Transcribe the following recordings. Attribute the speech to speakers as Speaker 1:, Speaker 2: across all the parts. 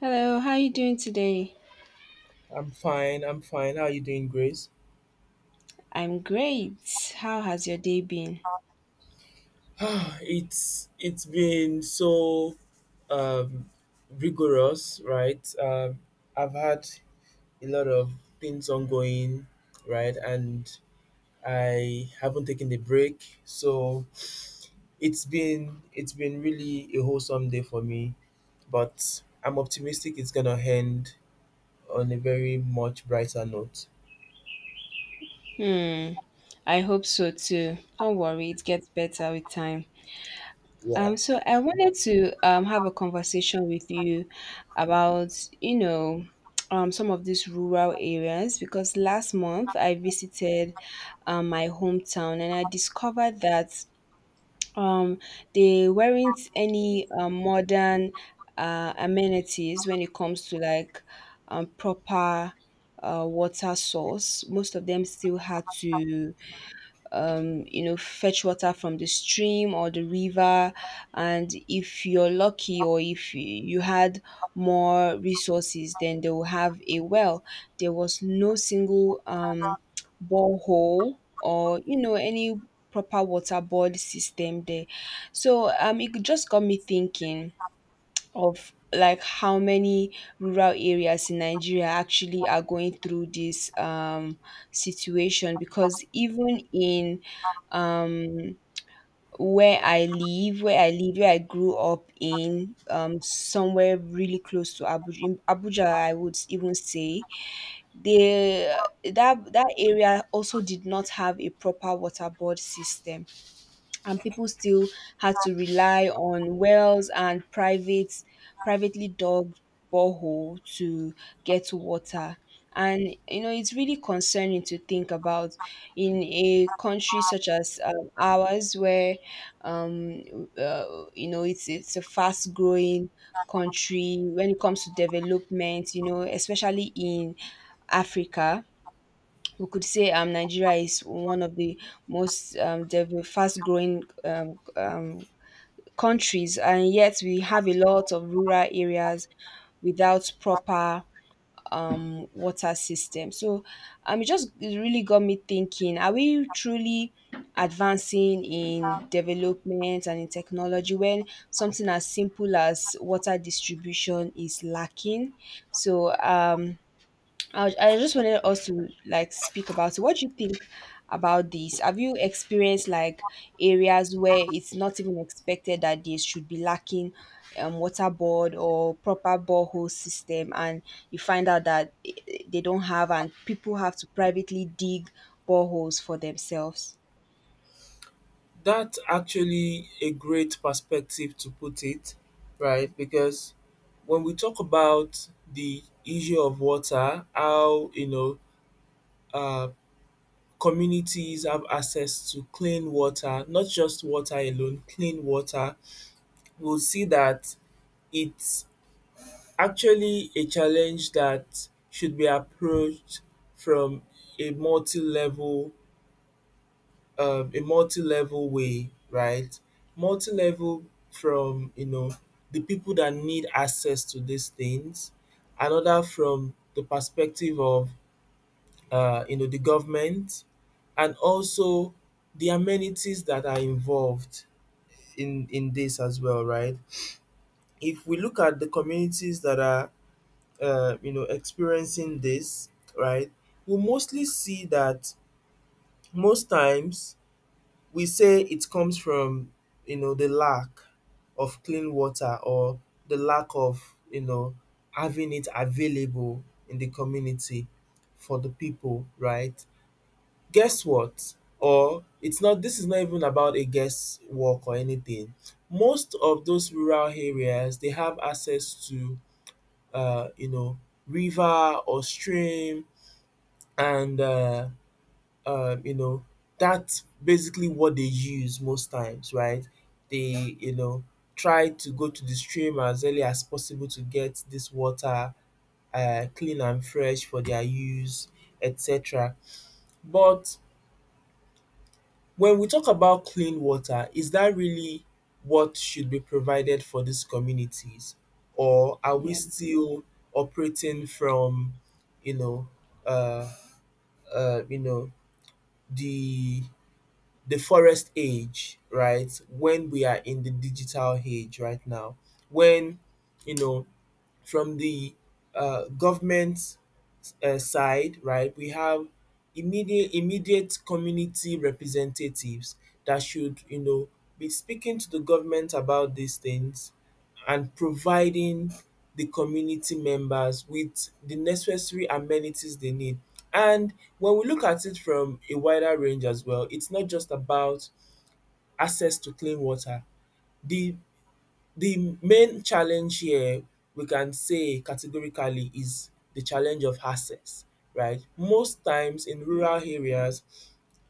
Speaker 1: Hello, how are you doing today?
Speaker 2: I'm fine. I'm fine. How are you doing, Grace?
Speaker 1: I'm great. How has your day been?
Speaker 2: It's been so um, rigorous, right? I've had a lot of things ongoing, right, and I haven't taken a break, so it's been really a wholesome day for me. But I'm optimistic it's gonna end on a very much brighter note.
Speaker 1: Hmm, I hope so too. Don't worry, it gets better with time. So I wanted to have a conversation with you about, you know, some of these rural areas because last month I visited my hometown and I discovered that um they weren't any modern amenities when it comes to like proper water source. Most of them still had to fetch water from the stream or the river. And if you're lucky or if you had more resources, then they will have a well. There was no single borehole or, any proper water board system there. So it just got me thinking of like how many rural areas in Nigeria actually are going through this situation, because even in um, where I live, where I grew up in, somewhere really close to Abuja, in Abuja, I would even say they that that area also did not have a proper water board system, and people still had to rely on wells and privately dug borehole to get water, and it's really concerning to think about in a country such as ours where um, uh, it's a fast growing country when it comes to development, especially in Africa. We could say Nigeria is one of the most fast-growing countries, and yet we have a lot of rural areas without proper water system. So it really got me thinking: are we truly advancing in development and in technology when something as simple as water distribution is lacking? So I just wanted us to like speak about it. What do you think about this? Have you experienced like areas where it's not even expected that they should be lacking water board or proper borehole system, and you find out that they don't have, and people have to privately dig boreholes for themselves?
Speaker 2: That's actually a great perspective to put it, right? Because when we talk about the issue of water, how, you know, uh, communities have access to clean water, not just water alone, clean water, we'll see that it's actually a challenge that should be approached from a multi level, a multi-level way, right? Multi-level from, you know, the people that need access to these things, another from the perspective of, you know, the government, and also the amenities that are involved in this as well, right? If we look at the communities that are, you know, experiencing this, right, we mostly see that most times we say it comes from, you know, the lack of clean water or the lack of, you know, having it available in the community for the people, right? Guess what, or it's not, this is not even about a guesswork or anything. Most of those rural areas, they have access to, uh, you know, river or stream. And you know, that's basically what they use most times, right? They, you know, try to go to the stream as early as possible to get this water clean and fresh for their use, etc. But when we talk about clean water, is that really what should be provided for these communities? Or are we
Speaker 1: Yeah.
Speaker 2: still operating from, you know, uh, you know, the forest age, right? When we are in the digital age right now, when, you know, from the, government side, right, we have immediate community representatives that should, you know, be speaking to the government about these things and providing the community members with the necessary amenities they need. And when we look at it from a wider range as well, it's not just about access to clean water, the main challenge here, we can say categorically, is the challenge of access, right? Most times in rural areas,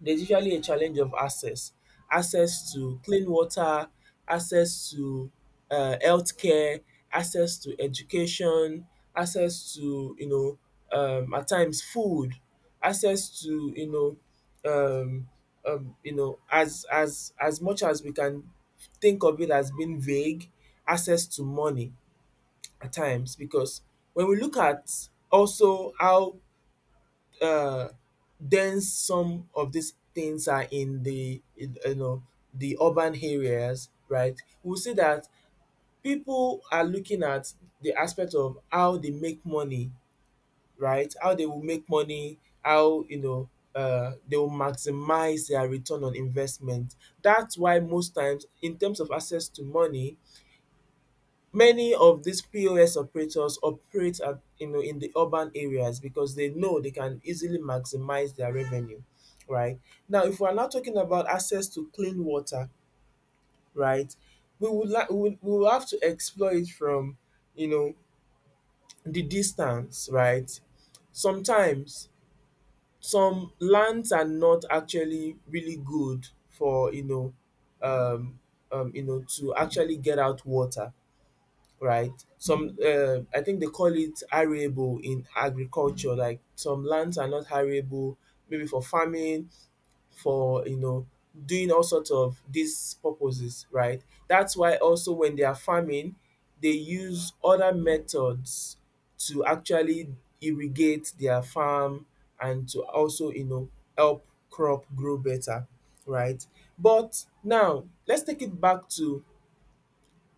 Speaker 2: there's usually a challenge of access access to clean water, access to, healthcare, access to education, access to, you know, at times food, access to, um, you know, as much as we can think of it as being vague, access to money at times. Because when we look at also how, uh, dense some of these things are in the in, you know, the urban areas, right? We'll see that people are looking at the aspect of how they make money, right? How they will make money, how, you know, they will maximize their return on investment. That's why most times, in terms of access to money, many of these POS operators operate at, you know, in the urban areas because they know they can easily maximize their revenue, right? Now if we are now talking about access to clean water, right, we would like we would we will have to explore it from, you know, the distance, right? Sometimes some lands are not actually really good for, you know, um you know, to actually get out water, right? Some, I think they call it arable in agriculture. Like some lands are not arable, maybe for farming, for, you know, doing all sorts of these purposes, right? That's why also when they are farming, they use other methods to actually irrigate their farm and to also, you know, help crop grow better, right? But now let's take it back to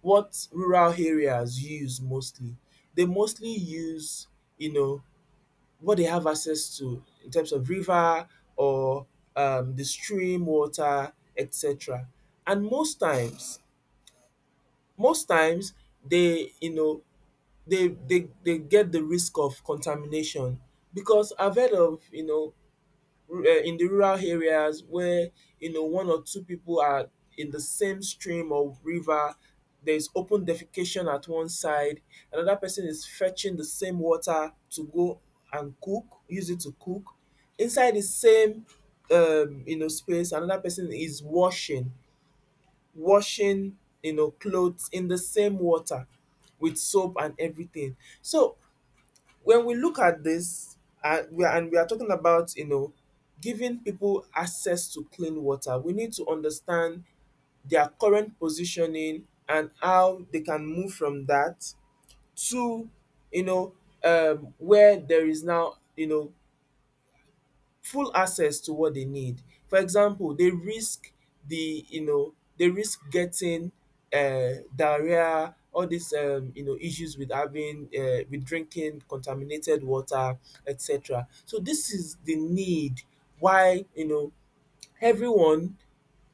Speaker 2: what rural areas use mostly. They mostly use, you know, what they have access to in terms of river or the stream water, etc. And most times they, you know, they get the risk of contamination, because I've heard of, you know, in the rural areas where, you know, one or two people are in the same stream or river, there's open defecation at one side, another person is fetching the same water to go and cook, use it to cook inside the same, you know, space, another person is washing, you know, clothes in the same water with soap and everything. So when we look at this, and we are talking about, you know, giving people access to clean water, we need to understand their current positioning and how they can move from that to, you know, where there is now, you know, full access to what they need. For example, they risk getting, diarrhea, all these you know issues with having with drinking contaminated water, etc. So this is the need why, you know, everyone,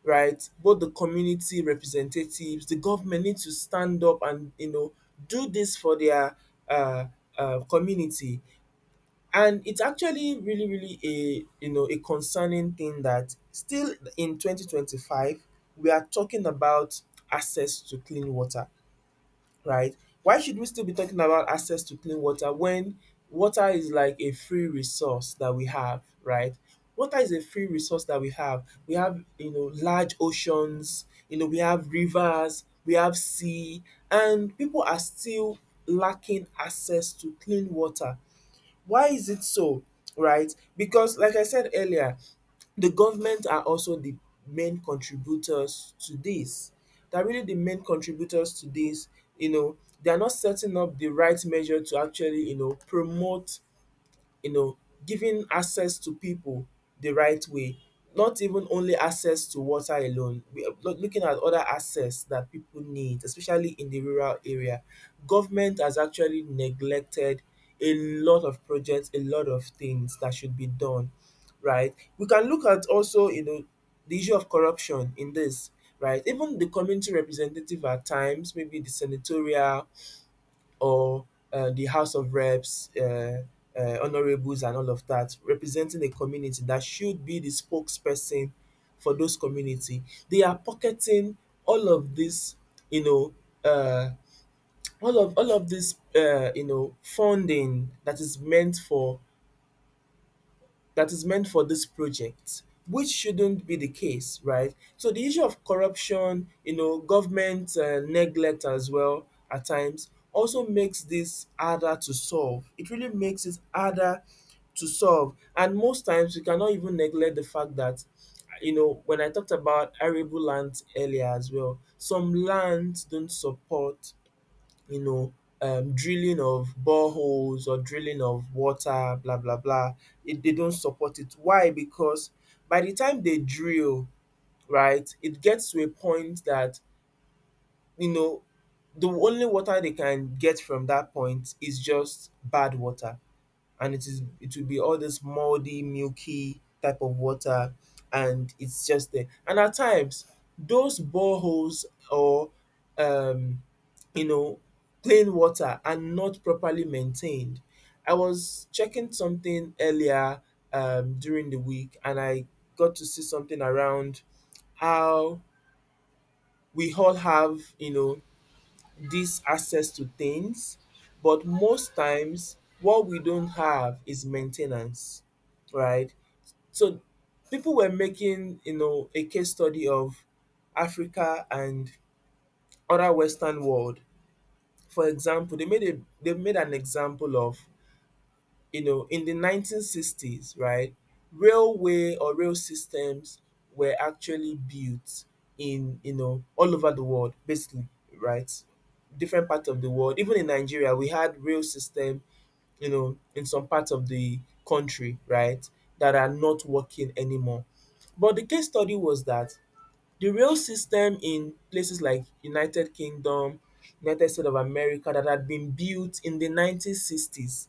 Speaker 2: right, both the community representatives, the government, need to stand up and, you know, do this for their, uh community. And it's actually really a, you know, a concerning thing that still in 2025 we are talking about access to clean water, right? Why should we still be talking about access to clean water when water is like a free resource that we have, right? Water is a free resource that we have, we have, you know, large oceans, you know, we have rivers, we have sea, and people are still lacking access to clean water. Why is it so? Right? Because, like I said earlier, the government are also the main contributors to this. They're really the main contributors to this. You know, they are not setting up the right measure to actually, you know, promote, you know, giving access to people the right way, not even only access to water alone, we are looking at other access that people need, especially in the rural area. Government has actually neglected a lot of projects, a lot of things that should be done, right? We can look at also, you know, the issue of corruption in this, right? Even the community representative at times, maybe the senatorial or, the House of Reps, honorables, and all of that, representing a community that should be the spokesperson for those community. They are pocketing all of this, you know, uh, all of this, you know, funding that is meant for that is meant for this project, which shouldn't be the case, right? So the issue of corruption, you know, government, neglect as well at times, also makes this harder to solve. It really makes it harder to solve. And most times we cannot even neglect the fact that, you know, when I talked about arable lands earlier as well, some lands don't support, you know, drilling of boreholes or drilling of water, blah blah blah. It, they don't support it. Why? Because by the time they drill, right, it gets to a point that, you know, the only water they can get from that point is just bad water, and it will be all this moldy, milky type of water, and it's just there. And at times, those boreholes or um, you know, plain water are not properly maintained. I was checking something earlier during the week, and I got to see something around how we all have, you know, this access to things, but most times what we don't have is maintenance, right? So people were making, you know, a case study of Africa and other Western world. For example, they made an example of, you know, in the 1960s, right, railway or rail systems were actually built in, you know, all over the world, basically, right? Different parts of the world. Even in Nigeria, we had rail system, you know, in some parts of the country, right, that are not working anymore. But the case study was that the rail system in places like United Kingdom, United States of America that had been built in the 1960s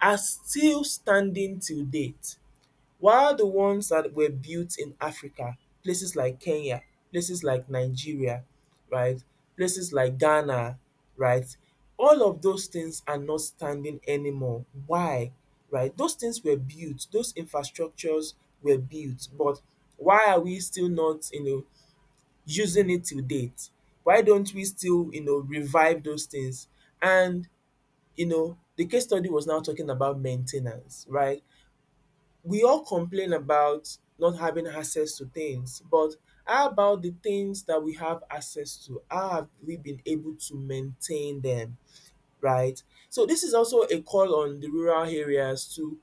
Speaker 2: are still standing till date, while the ones that were built in Africa, places like Kenya, places like Nigeria, right, places like Ghana, right, all of those things are not standing anymore. Why? Right, those things were built, those infrastructures were built, but why are we still not, you know, using it till date? Why don't we still, you know, revive those things? And, you know, the case study was now talking about main ten ance, right? We all complain about not having access to things, but how about the things that we have access to? How have we been able to maintain them, right? So this is also a call on the rural areas to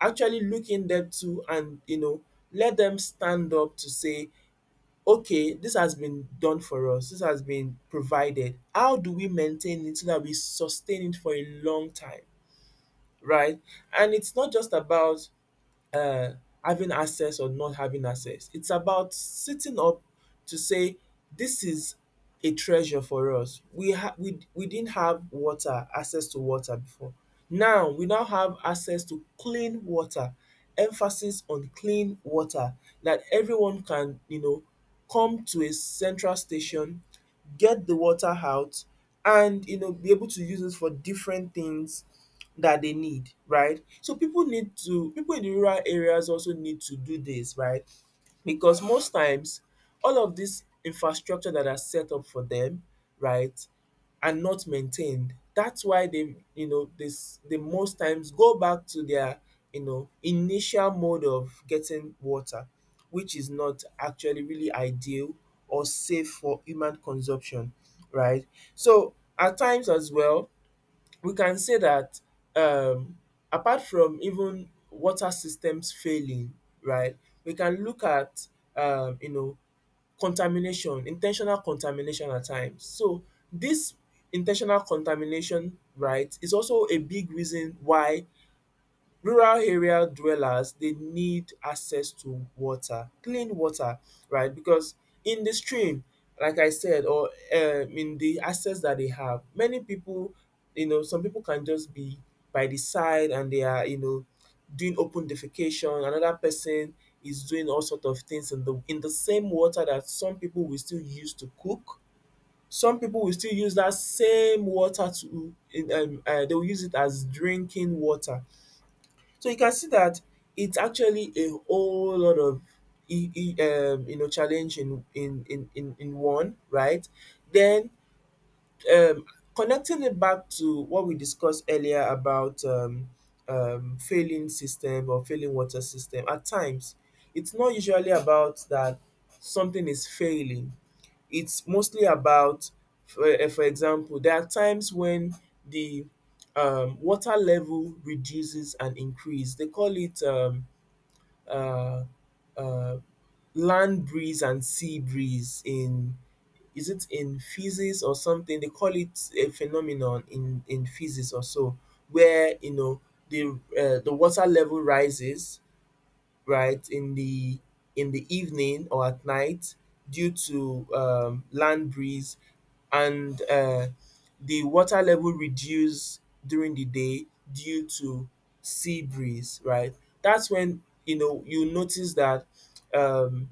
Speaker 2: actually look in depth to and let them stand up to say, okay, this has been done for us, this has been provided. How do we maintain it so that we sustain it for a long time, right? And it's not just about uh, having access or not having access. It's about sitting up to say this is a treasure for us. We didn't have water, access to water before. Now we now have access to clean water. Emphasis on clean water that everyone can, come to a central station, get the water out, and be able to use it for different things that they need, right? So people need to people in the rural areas also need to do this, right? Because most times all of this infrastructure that are set up for them, right, are not maintained. That's why they, you know, this they most times go back to their, initial mode of getting water, which is not actually really ideal or safe for human consumption, right? So at times as well, we can say that um, apart from even water systems failing, right, we can look at um, you know contamination, intentional contamination at times. So this intentional contamination, right, is also a big reason why rural area dwellers they need access to water, clean water, right? Because in the stream, like I said, or in the access that they have, many people, some people can just be by the side and they are, doing open defecation. Another person is doing all sort of things in the same water that some people will still use to cook. Some people will still use that same water to in they will use it as drinking water. So you can see that it's actually a whole lot of e e challenge in one, right? Then um connecting it back to what we discussed earlier about failing system or failing water system, at times it's not usually about that something is failing. It's mostly about, for for example, there are times when the water level reduces and increase. They call it uh, uh, land breeze and sea breeze in, is it in physics or something? They call it a phenomenon in physics or so, where the the water level rises, right, in the evening or at night due to land breeze, and the water level reduce during the day due to sea breeze, right? That's when you notice that um,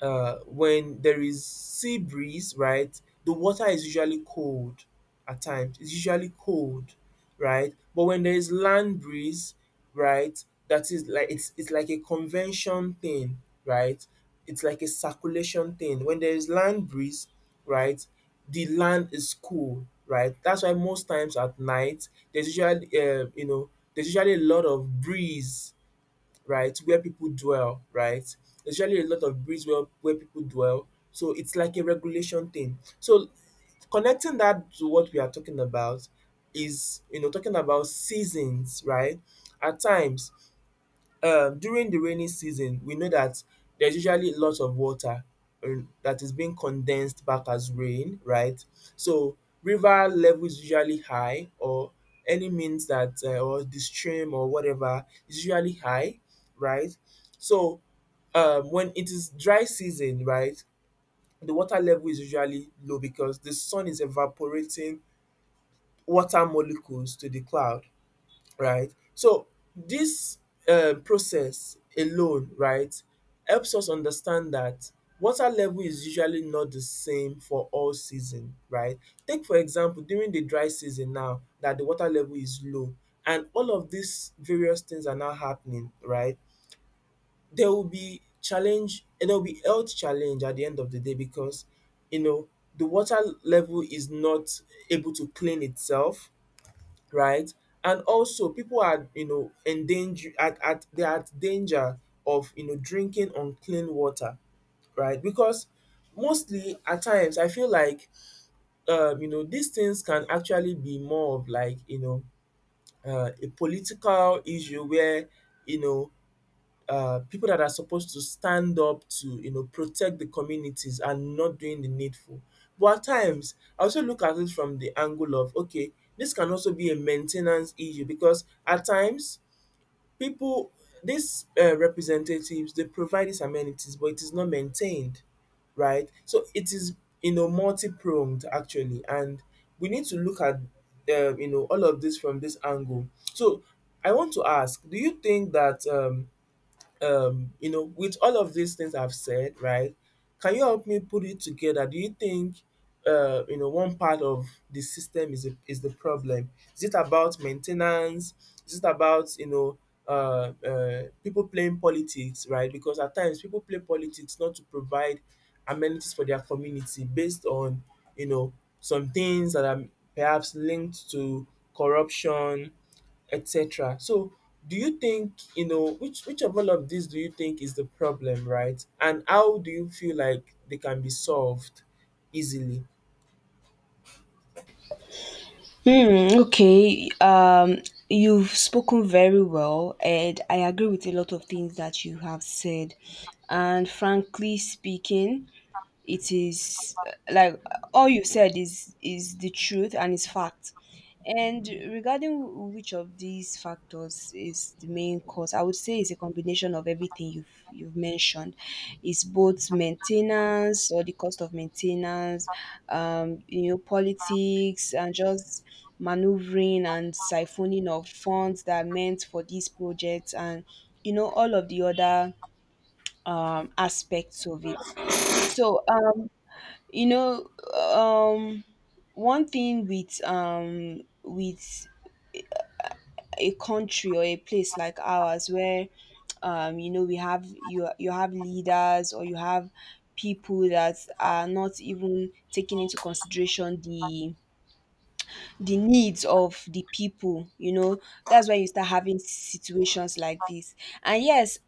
Speaker 2: when there is sea breeze, right, the water is usually cold at times. It's usually cold, right? But when there is land breeze, right, that is like it's like a convention thing, right? It's like a circulation thing. When there is land breeze, right, the land is cool, right? That's why most times at night there's usually there's usually a lot of breeze, right? Where people dwell, right? There's usually a lot of breeds where people dwell. So it's like a regulation thing. So connecting that to what we are talking about is, talking about seasons, right? At times, during the rainy season we know that there's usually lots of water that is being condensed back as rain, right? So river level is usually high, or any means that or the stream or whatever is usually high, right? So when it is dry season, right, the water level is usually low because the sun is evaporating water molecules to the cloud, right? So this process alone, right, helps us understand that water level is usually not the same for all season, right? Take for example during the dry season now that the water level is low and all of these various things are now happening, right? There will be challenge and there will be health challenge at the end of the day because you know the water level is not able to clean itself, right? And also, people are, endanger at they are at danger of, drinking unclean water, right? Because mostly at times I feel like, these things can actually be more of like, a political issue where, you know, people that are supposed to stand up to protect the communities and not doing the needful. But at times, I also look at it from the angle of, okay, this can also be a maintenance issue because at times people, these representatives they provide these amenities, but it is not maintained, right? So it is multi-pronged actually, and we need to look at all of this from this angle. So I want to ask, do you think that with all of these things I've said, right, can you help me put it together? Do you think one part of the system is the problem? Is it about maintenance? Is it about, people playing politics, right? Because at times people play politics not to provide amenities for their community based on you know some things that are perhaps linked to corruption, etc. So, do you think, which of all of these do you think is the problem, right? And how do you feel like they can be solved easily?
Speaker 1: Hmm, okay. You've spoken very well, and I agree with a lot of things that you have said. And frankly speaking, it is like all you said is the truth and is fact. And regarding which of these factors is the main cause, I would say it's a combination of everything you've mentioned. It's both maintenance or the cost of maintenance, politics and just maneuvering and siphoning of funds that are meant for these projects, and all of the other aspects of it. So um you know um one thing with a country or a place like ours, where we have you have leaders, or you have people that are not even taking into consideration the needs of the people. That's why you start having situations like this. And yes,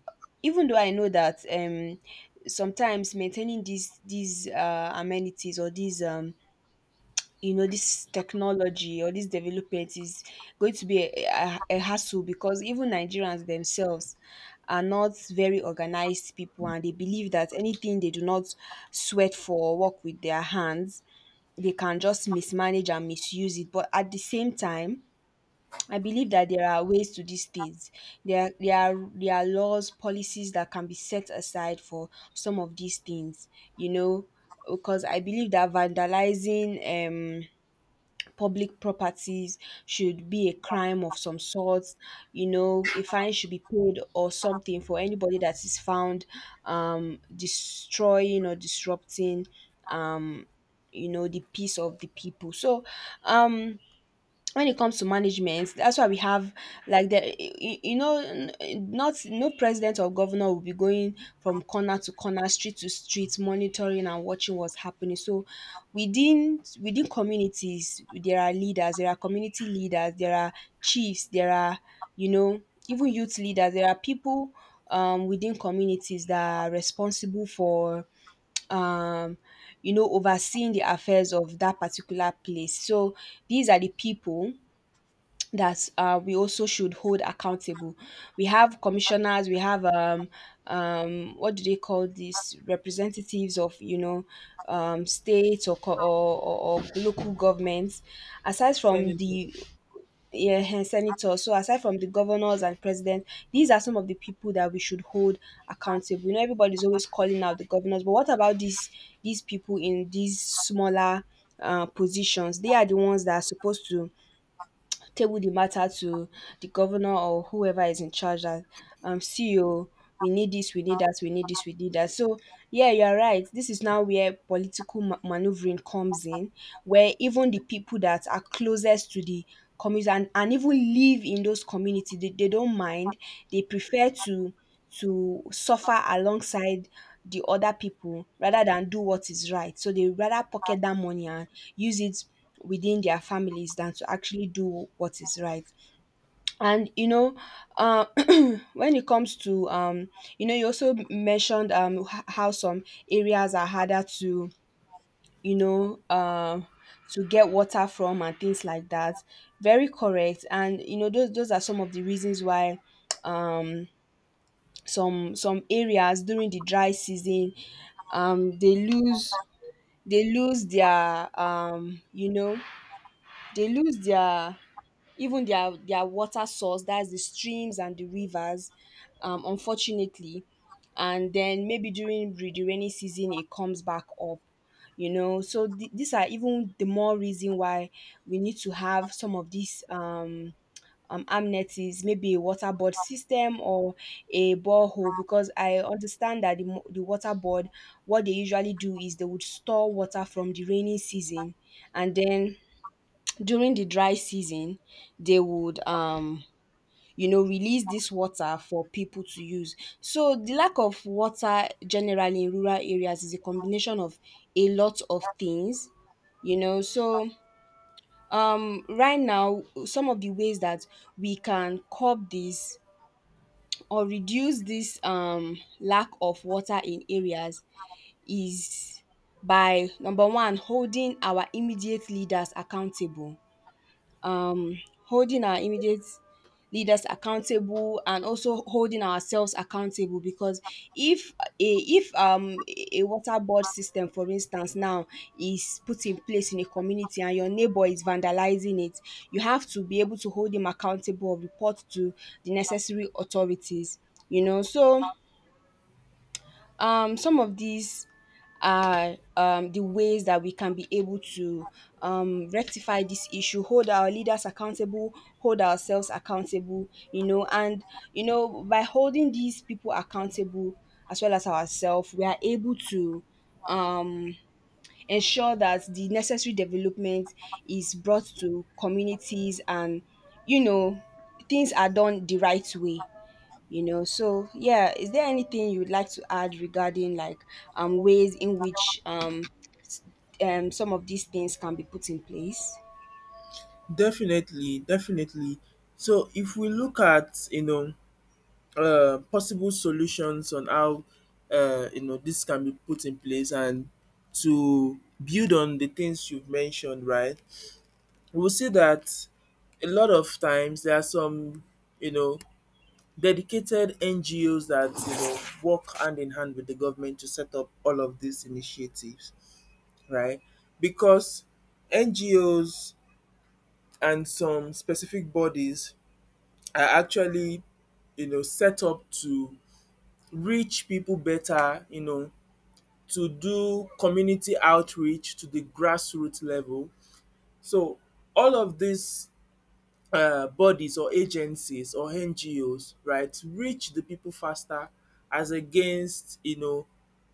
Speaker 1: even though I know that sometimes maintaining these amenities, or these this technology or this development, is going to be a hassle, because even Nigerians themselves are not very organized people, and they believe that anything they do not sweat for or work with their hands they can just mismanage and misuse it. But at the same time, I believe that there are ways to these things. There are laws, policies that can be set aside for some of these things, you know because I believe that vandalizing um public properties should be a crime of some sort. A fine should be paid or something for anybody that is found destroying or disrupting um the peace of the people. So um when it comes to management, that's why we have, like, the you you know n- n- not no president or governor will be going from corner to corner, street to street, monitoring and watching what's happening. So within communities there are leaders, there are community leaders, there are chiefs, there are, you know even youth leaders. There are people within communities that are responsible for, um overseeing the affairs of that particular place. So these are the people that we also should hold accountable. We have commissioners, we have, what do they call these representatives of, states, or, co- or local governments. Aside from
Speaker 2: Sending to.
Speaker 1: the yeah, and senators. So aside from the governors and president, these are some of the people that we should hold accountable. You know, everybody's always calling out the governors, but what about these people in these smaller positions? They are the ones that are supposed to table the matter to the governor or whoever is in charge, that CEO: we need this, we need that, we need this, we need that. So yeah, you're right, this is now where political maneuvering comes in, where even the people that are closest to the communities, and even live in those communities, they don't mind. They prefer to suffer alongside the other people rather than do what is right. So they rather pocket that money and use it within their families than to actually do what is right. And you know, uh, when it comes to, you also mentioned how some areas are harder to, you know uh, to get water from and things like that. Very correct. And those are some of the reasons why um some areas during the dry season, um they lose they lose their you know they lose their even their water source, that's the streams and the rivers, unfortunately. And then maybe during the rainy season it comes back up. So these are even the more reason why we need to have some of these, amenities, maybe a water board system or a borehole, because I understand that the water board, what they usually do is they would store water from the rainy season, and then during the dry season, they would, release this water for people to use. So the lack of water generally in rural areas is a combination of a lot of things. So right now some of the ways that we can curb this or reduce this lack of water in areas is, by number one, holding our immediate leaders accountable, um, holding our immediate leaders accountable, and also holding ourselves accountable. Because if a water board system for instance now is put in place in a community and your neighbor is vandalizing it, you have to be able to hold him accountable or report to the necessary authorities. So some of these are the ways that we can be able to rectify this issue: hold our leaders accountable, hold ourselves accountable. And by holding these people accountable as well as ourselves, we are able to um ensure that the necessary development is brought to communities, and you know things are done the right way. So, yeah, is there anything you'd like to add regarding, like, ways in which s- some of these things can be put in place?
Speaker 2: Definitely, definitely. So if we look at possible solutions on how this can be put in place, and to build on the things you've mentioned, right, we will see that a lot of times there are some you know dedicated NGOs that work hand in hand with the government to set up all of these initiatives, right? Because NGOs and some specific bodies are actually set up to reach people better, to do community outreach to the grassroots level. So all of these bodies or agencies or NGOs, right, reach the people faster as against, you know,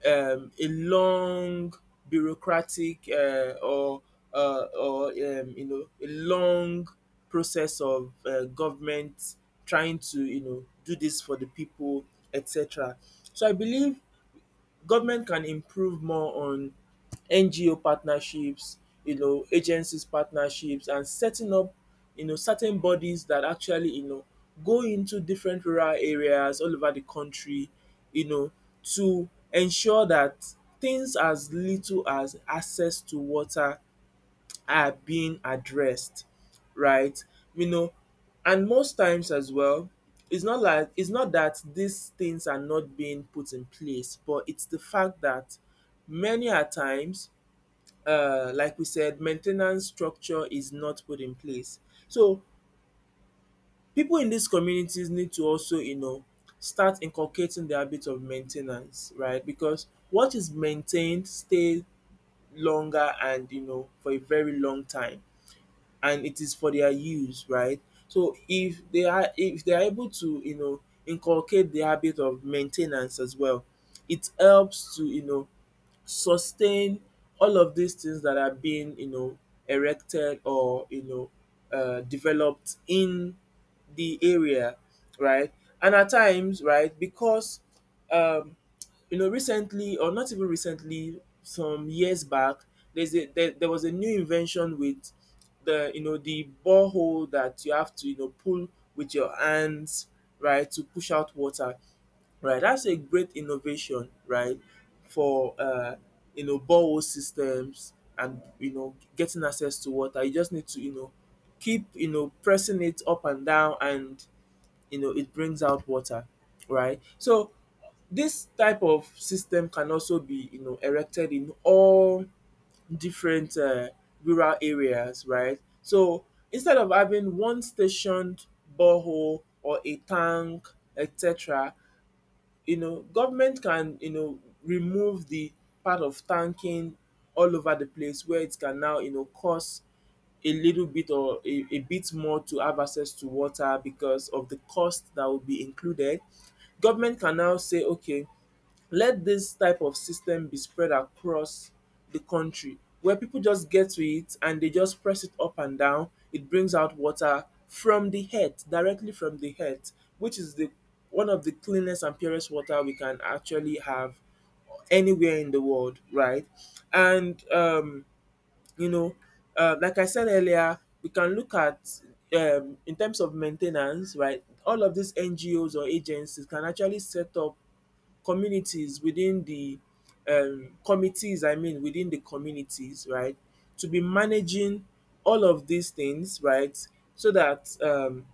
Speaker 2: um, a long bureaucratic or a long process of government trying to do this for the people, etc. So I believe government can improve more on NGO partnerships, agencies partnerships and setting up, certain bodies that actually, go into different rural areas all over the country, you know, to ensure that things as little as access to water are being addressed, right? You know, and most times as well, it's not that these things are not being put in place, but it's the fact that many a times, like we said, maintenance structure is not put in place. So people in these communities need to also, start inculcating the habit of maintenance, right? Because what is maintained stay longer and for a very long time, and it is for their use, right? So if they are able to, inculcate the habit of maintenance as well, it helps to, sustain all of these things that are being, erected or, developed in the area, right? And at times, right, because um recently, or not even recently, some years back, there was a new invention with the the borehole that you have to pull with your hands, right, to push out water, right. That's a great innovation, right, for borehole systems and getting access to water. You just need to keep pressing it up and down, and it brings out water, right. So this type of system can also be erected in all different rural areas, right. So instead of having one stationed borehole or a tank, etc., government can remove the part of tanking all over the place where it can now cost a little bit or a bit more to have access to water because of the cost that will be included. Government can now say, okay, let this type of system be spread across the country where people just get to it and they just press it up and down. It brings out water from the earth, directly from the earth, which is the one of the cleanest and purest water we can actually have anywhere in the world, right? And you know, like I said earlier, we can look at in terms of maintenance, right? All of these NGOs or agencies can actually set up communities within the committees, I mean, within the communities, right, to be managing all of these things, right, so that um,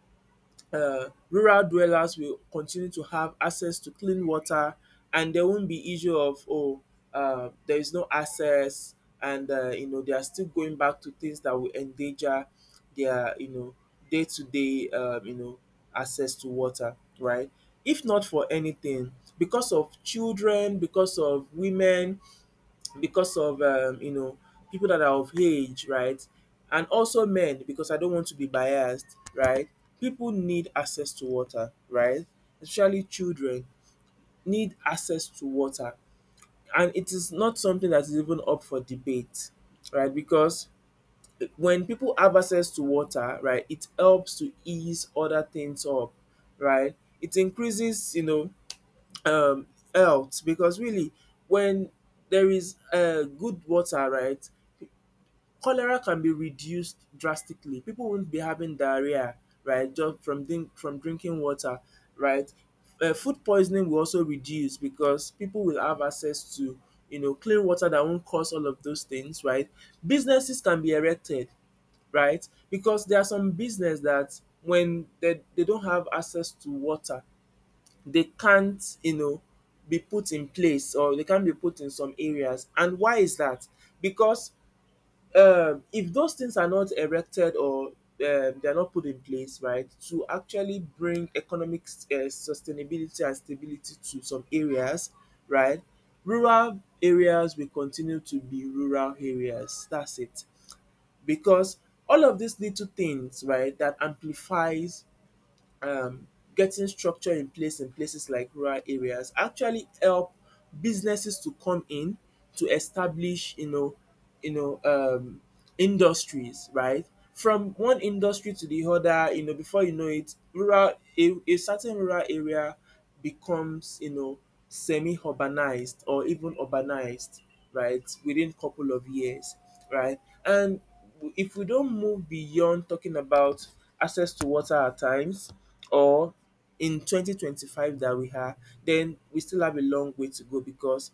Speaker 2: uh, rural dwellers will continue to have access to clean water, and there won't be issue of, oh, there is no access, and they are still going back to things that will endanger their day-to-day access to water, right? If not for anything, because of children, because of women, because of people that are of age, right? And also men, because I don't want to be biased, right? People need access to water, right? Especially children need access to water, and it is not something that is even up for debate, right? Because when people have access to water, right, it helps to ease other things up, right? It increases, um, health, because really, when there is good water, right, cholera can be reduced drastically. People won't be having diarrhea, right? Just from from drinking water, right? Food poisoning will also reduce because people will have access to clean water that won't cause all of those things, right? Businesses can be erected, right? Because there are some business that when they don't have access to water, they can't be put in place or they can't be put in some areas. And why is that? Because if those things are not erected or they're not put in place, right, to actually bring economic sustainability and stability to some areas, right, rural areas will continue to be rural areas. That's it. Because all of these little things, right, that amplifies um, getting structure in place in places like rural areas actually help businesses to come in to establish, you know um industries, right, from one industry to the other. You know before you know it, rural, a certain rural area becomes semi urbanized or even urbanized, right, within couple of years, right. And if we don't move beyond talking about access to water at times, or in 2025 that we are, then we still have a long way to go because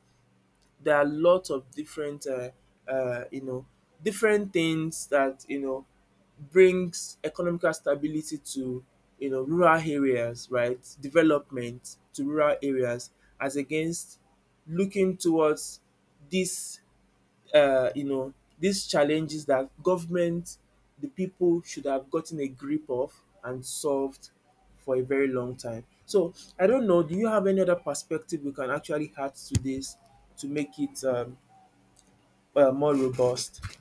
Speaker 2: there are lots of different uh, you know different things that brings economical stability to rural areas, right, development to rural areas, as against looking towards this uh, you know, these challenges that government, the people should have gotten a grip of and solved for a very long time. So I don't know. Do you have any other perspective we can actually add to this to make it more robust?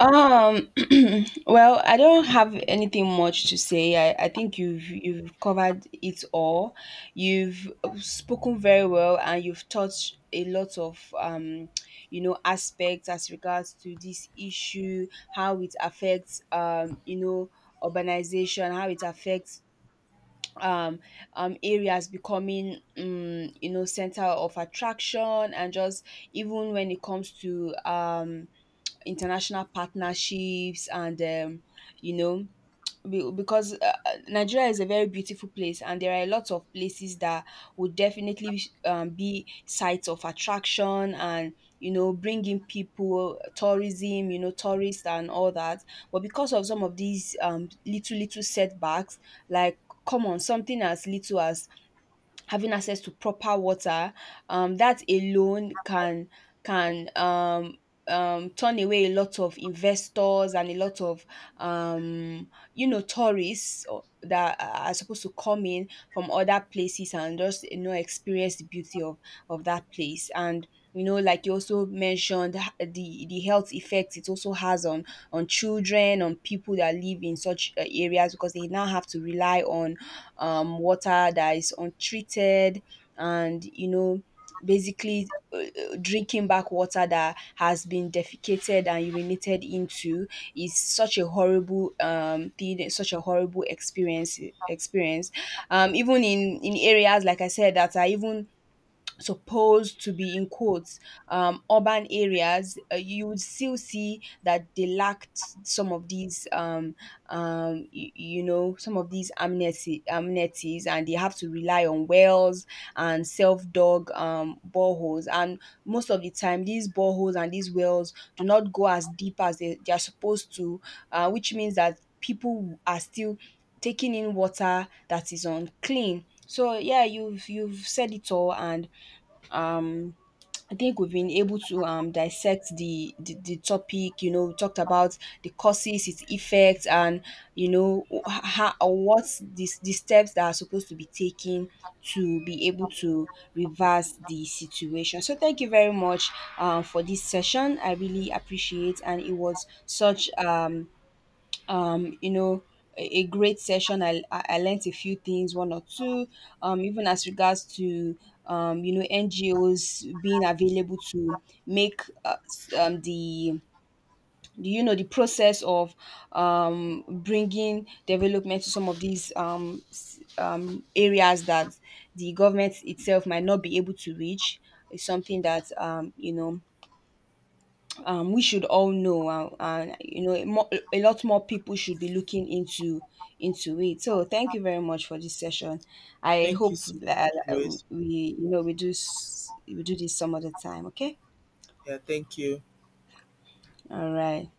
Speaker 1: Um, well, I don't have anything much to say. I think you've covered it all. You've spoken very well and you've touched a lot of, aspects as regards to this issue: how it affects, urbanization, how it affects um areas becoming, center of attraction, and just even when it comes to international partnerships and, you know because Nigeria is a very beautiful place, and there are a lot of places that would definitely be sites of attraction, and bringing people, tourism, tourists, and all that. But because of some of these little little setbacks, like, common, something as little as having access to proper water, that alone can can um, turn away a lot of investors, and a lot of, um, tourists that are supposed to come in from other places and just experience the beauty of that place. And like you also mentioned, the health effects it also has on, children, on people that live in such areas, because they now have to rely on water that is untreated, and basically, drinking back water that has been defecated and urinated into is such a horrible thing, such a horrible experience. Even in areas, like I said, that are even supposed to be, in quotes, urban areas, you would still see that they lacked some of these amenities, and they have to rely on wells and self-dug boreholes. And most of the time these boreholes and these wells do not go as deep as they are supposed to, which means that people are still taking in water that is unclean. So yeah, you've said it all. And um I think we've been able to dissect the topic. We talked about the causes, its effects, and you know how what this the steps that are supposed to be taken to be able to reverse the situation. So thank you very much for this session. I really appreciate, and it was such um you know a great session. I I learnt a few things, one or two, even as regards to NGOs being available to make s- the, you know the process of bringing development to some of these areas that the government itself might not be able to reach is something that we should all know, and a lot more people should be looking into it. So, thank you very much for this session. I
Speaker 2: Thank you
Speaker 1: hope
Speaker 2: so
Speaker 1: that
Speaker 2: much, Louis.
Speaker 1: we, you know, we do s- we do this some other time. Okay.
Speaker 2: Yeah, thank you.
Speaker 1: All right.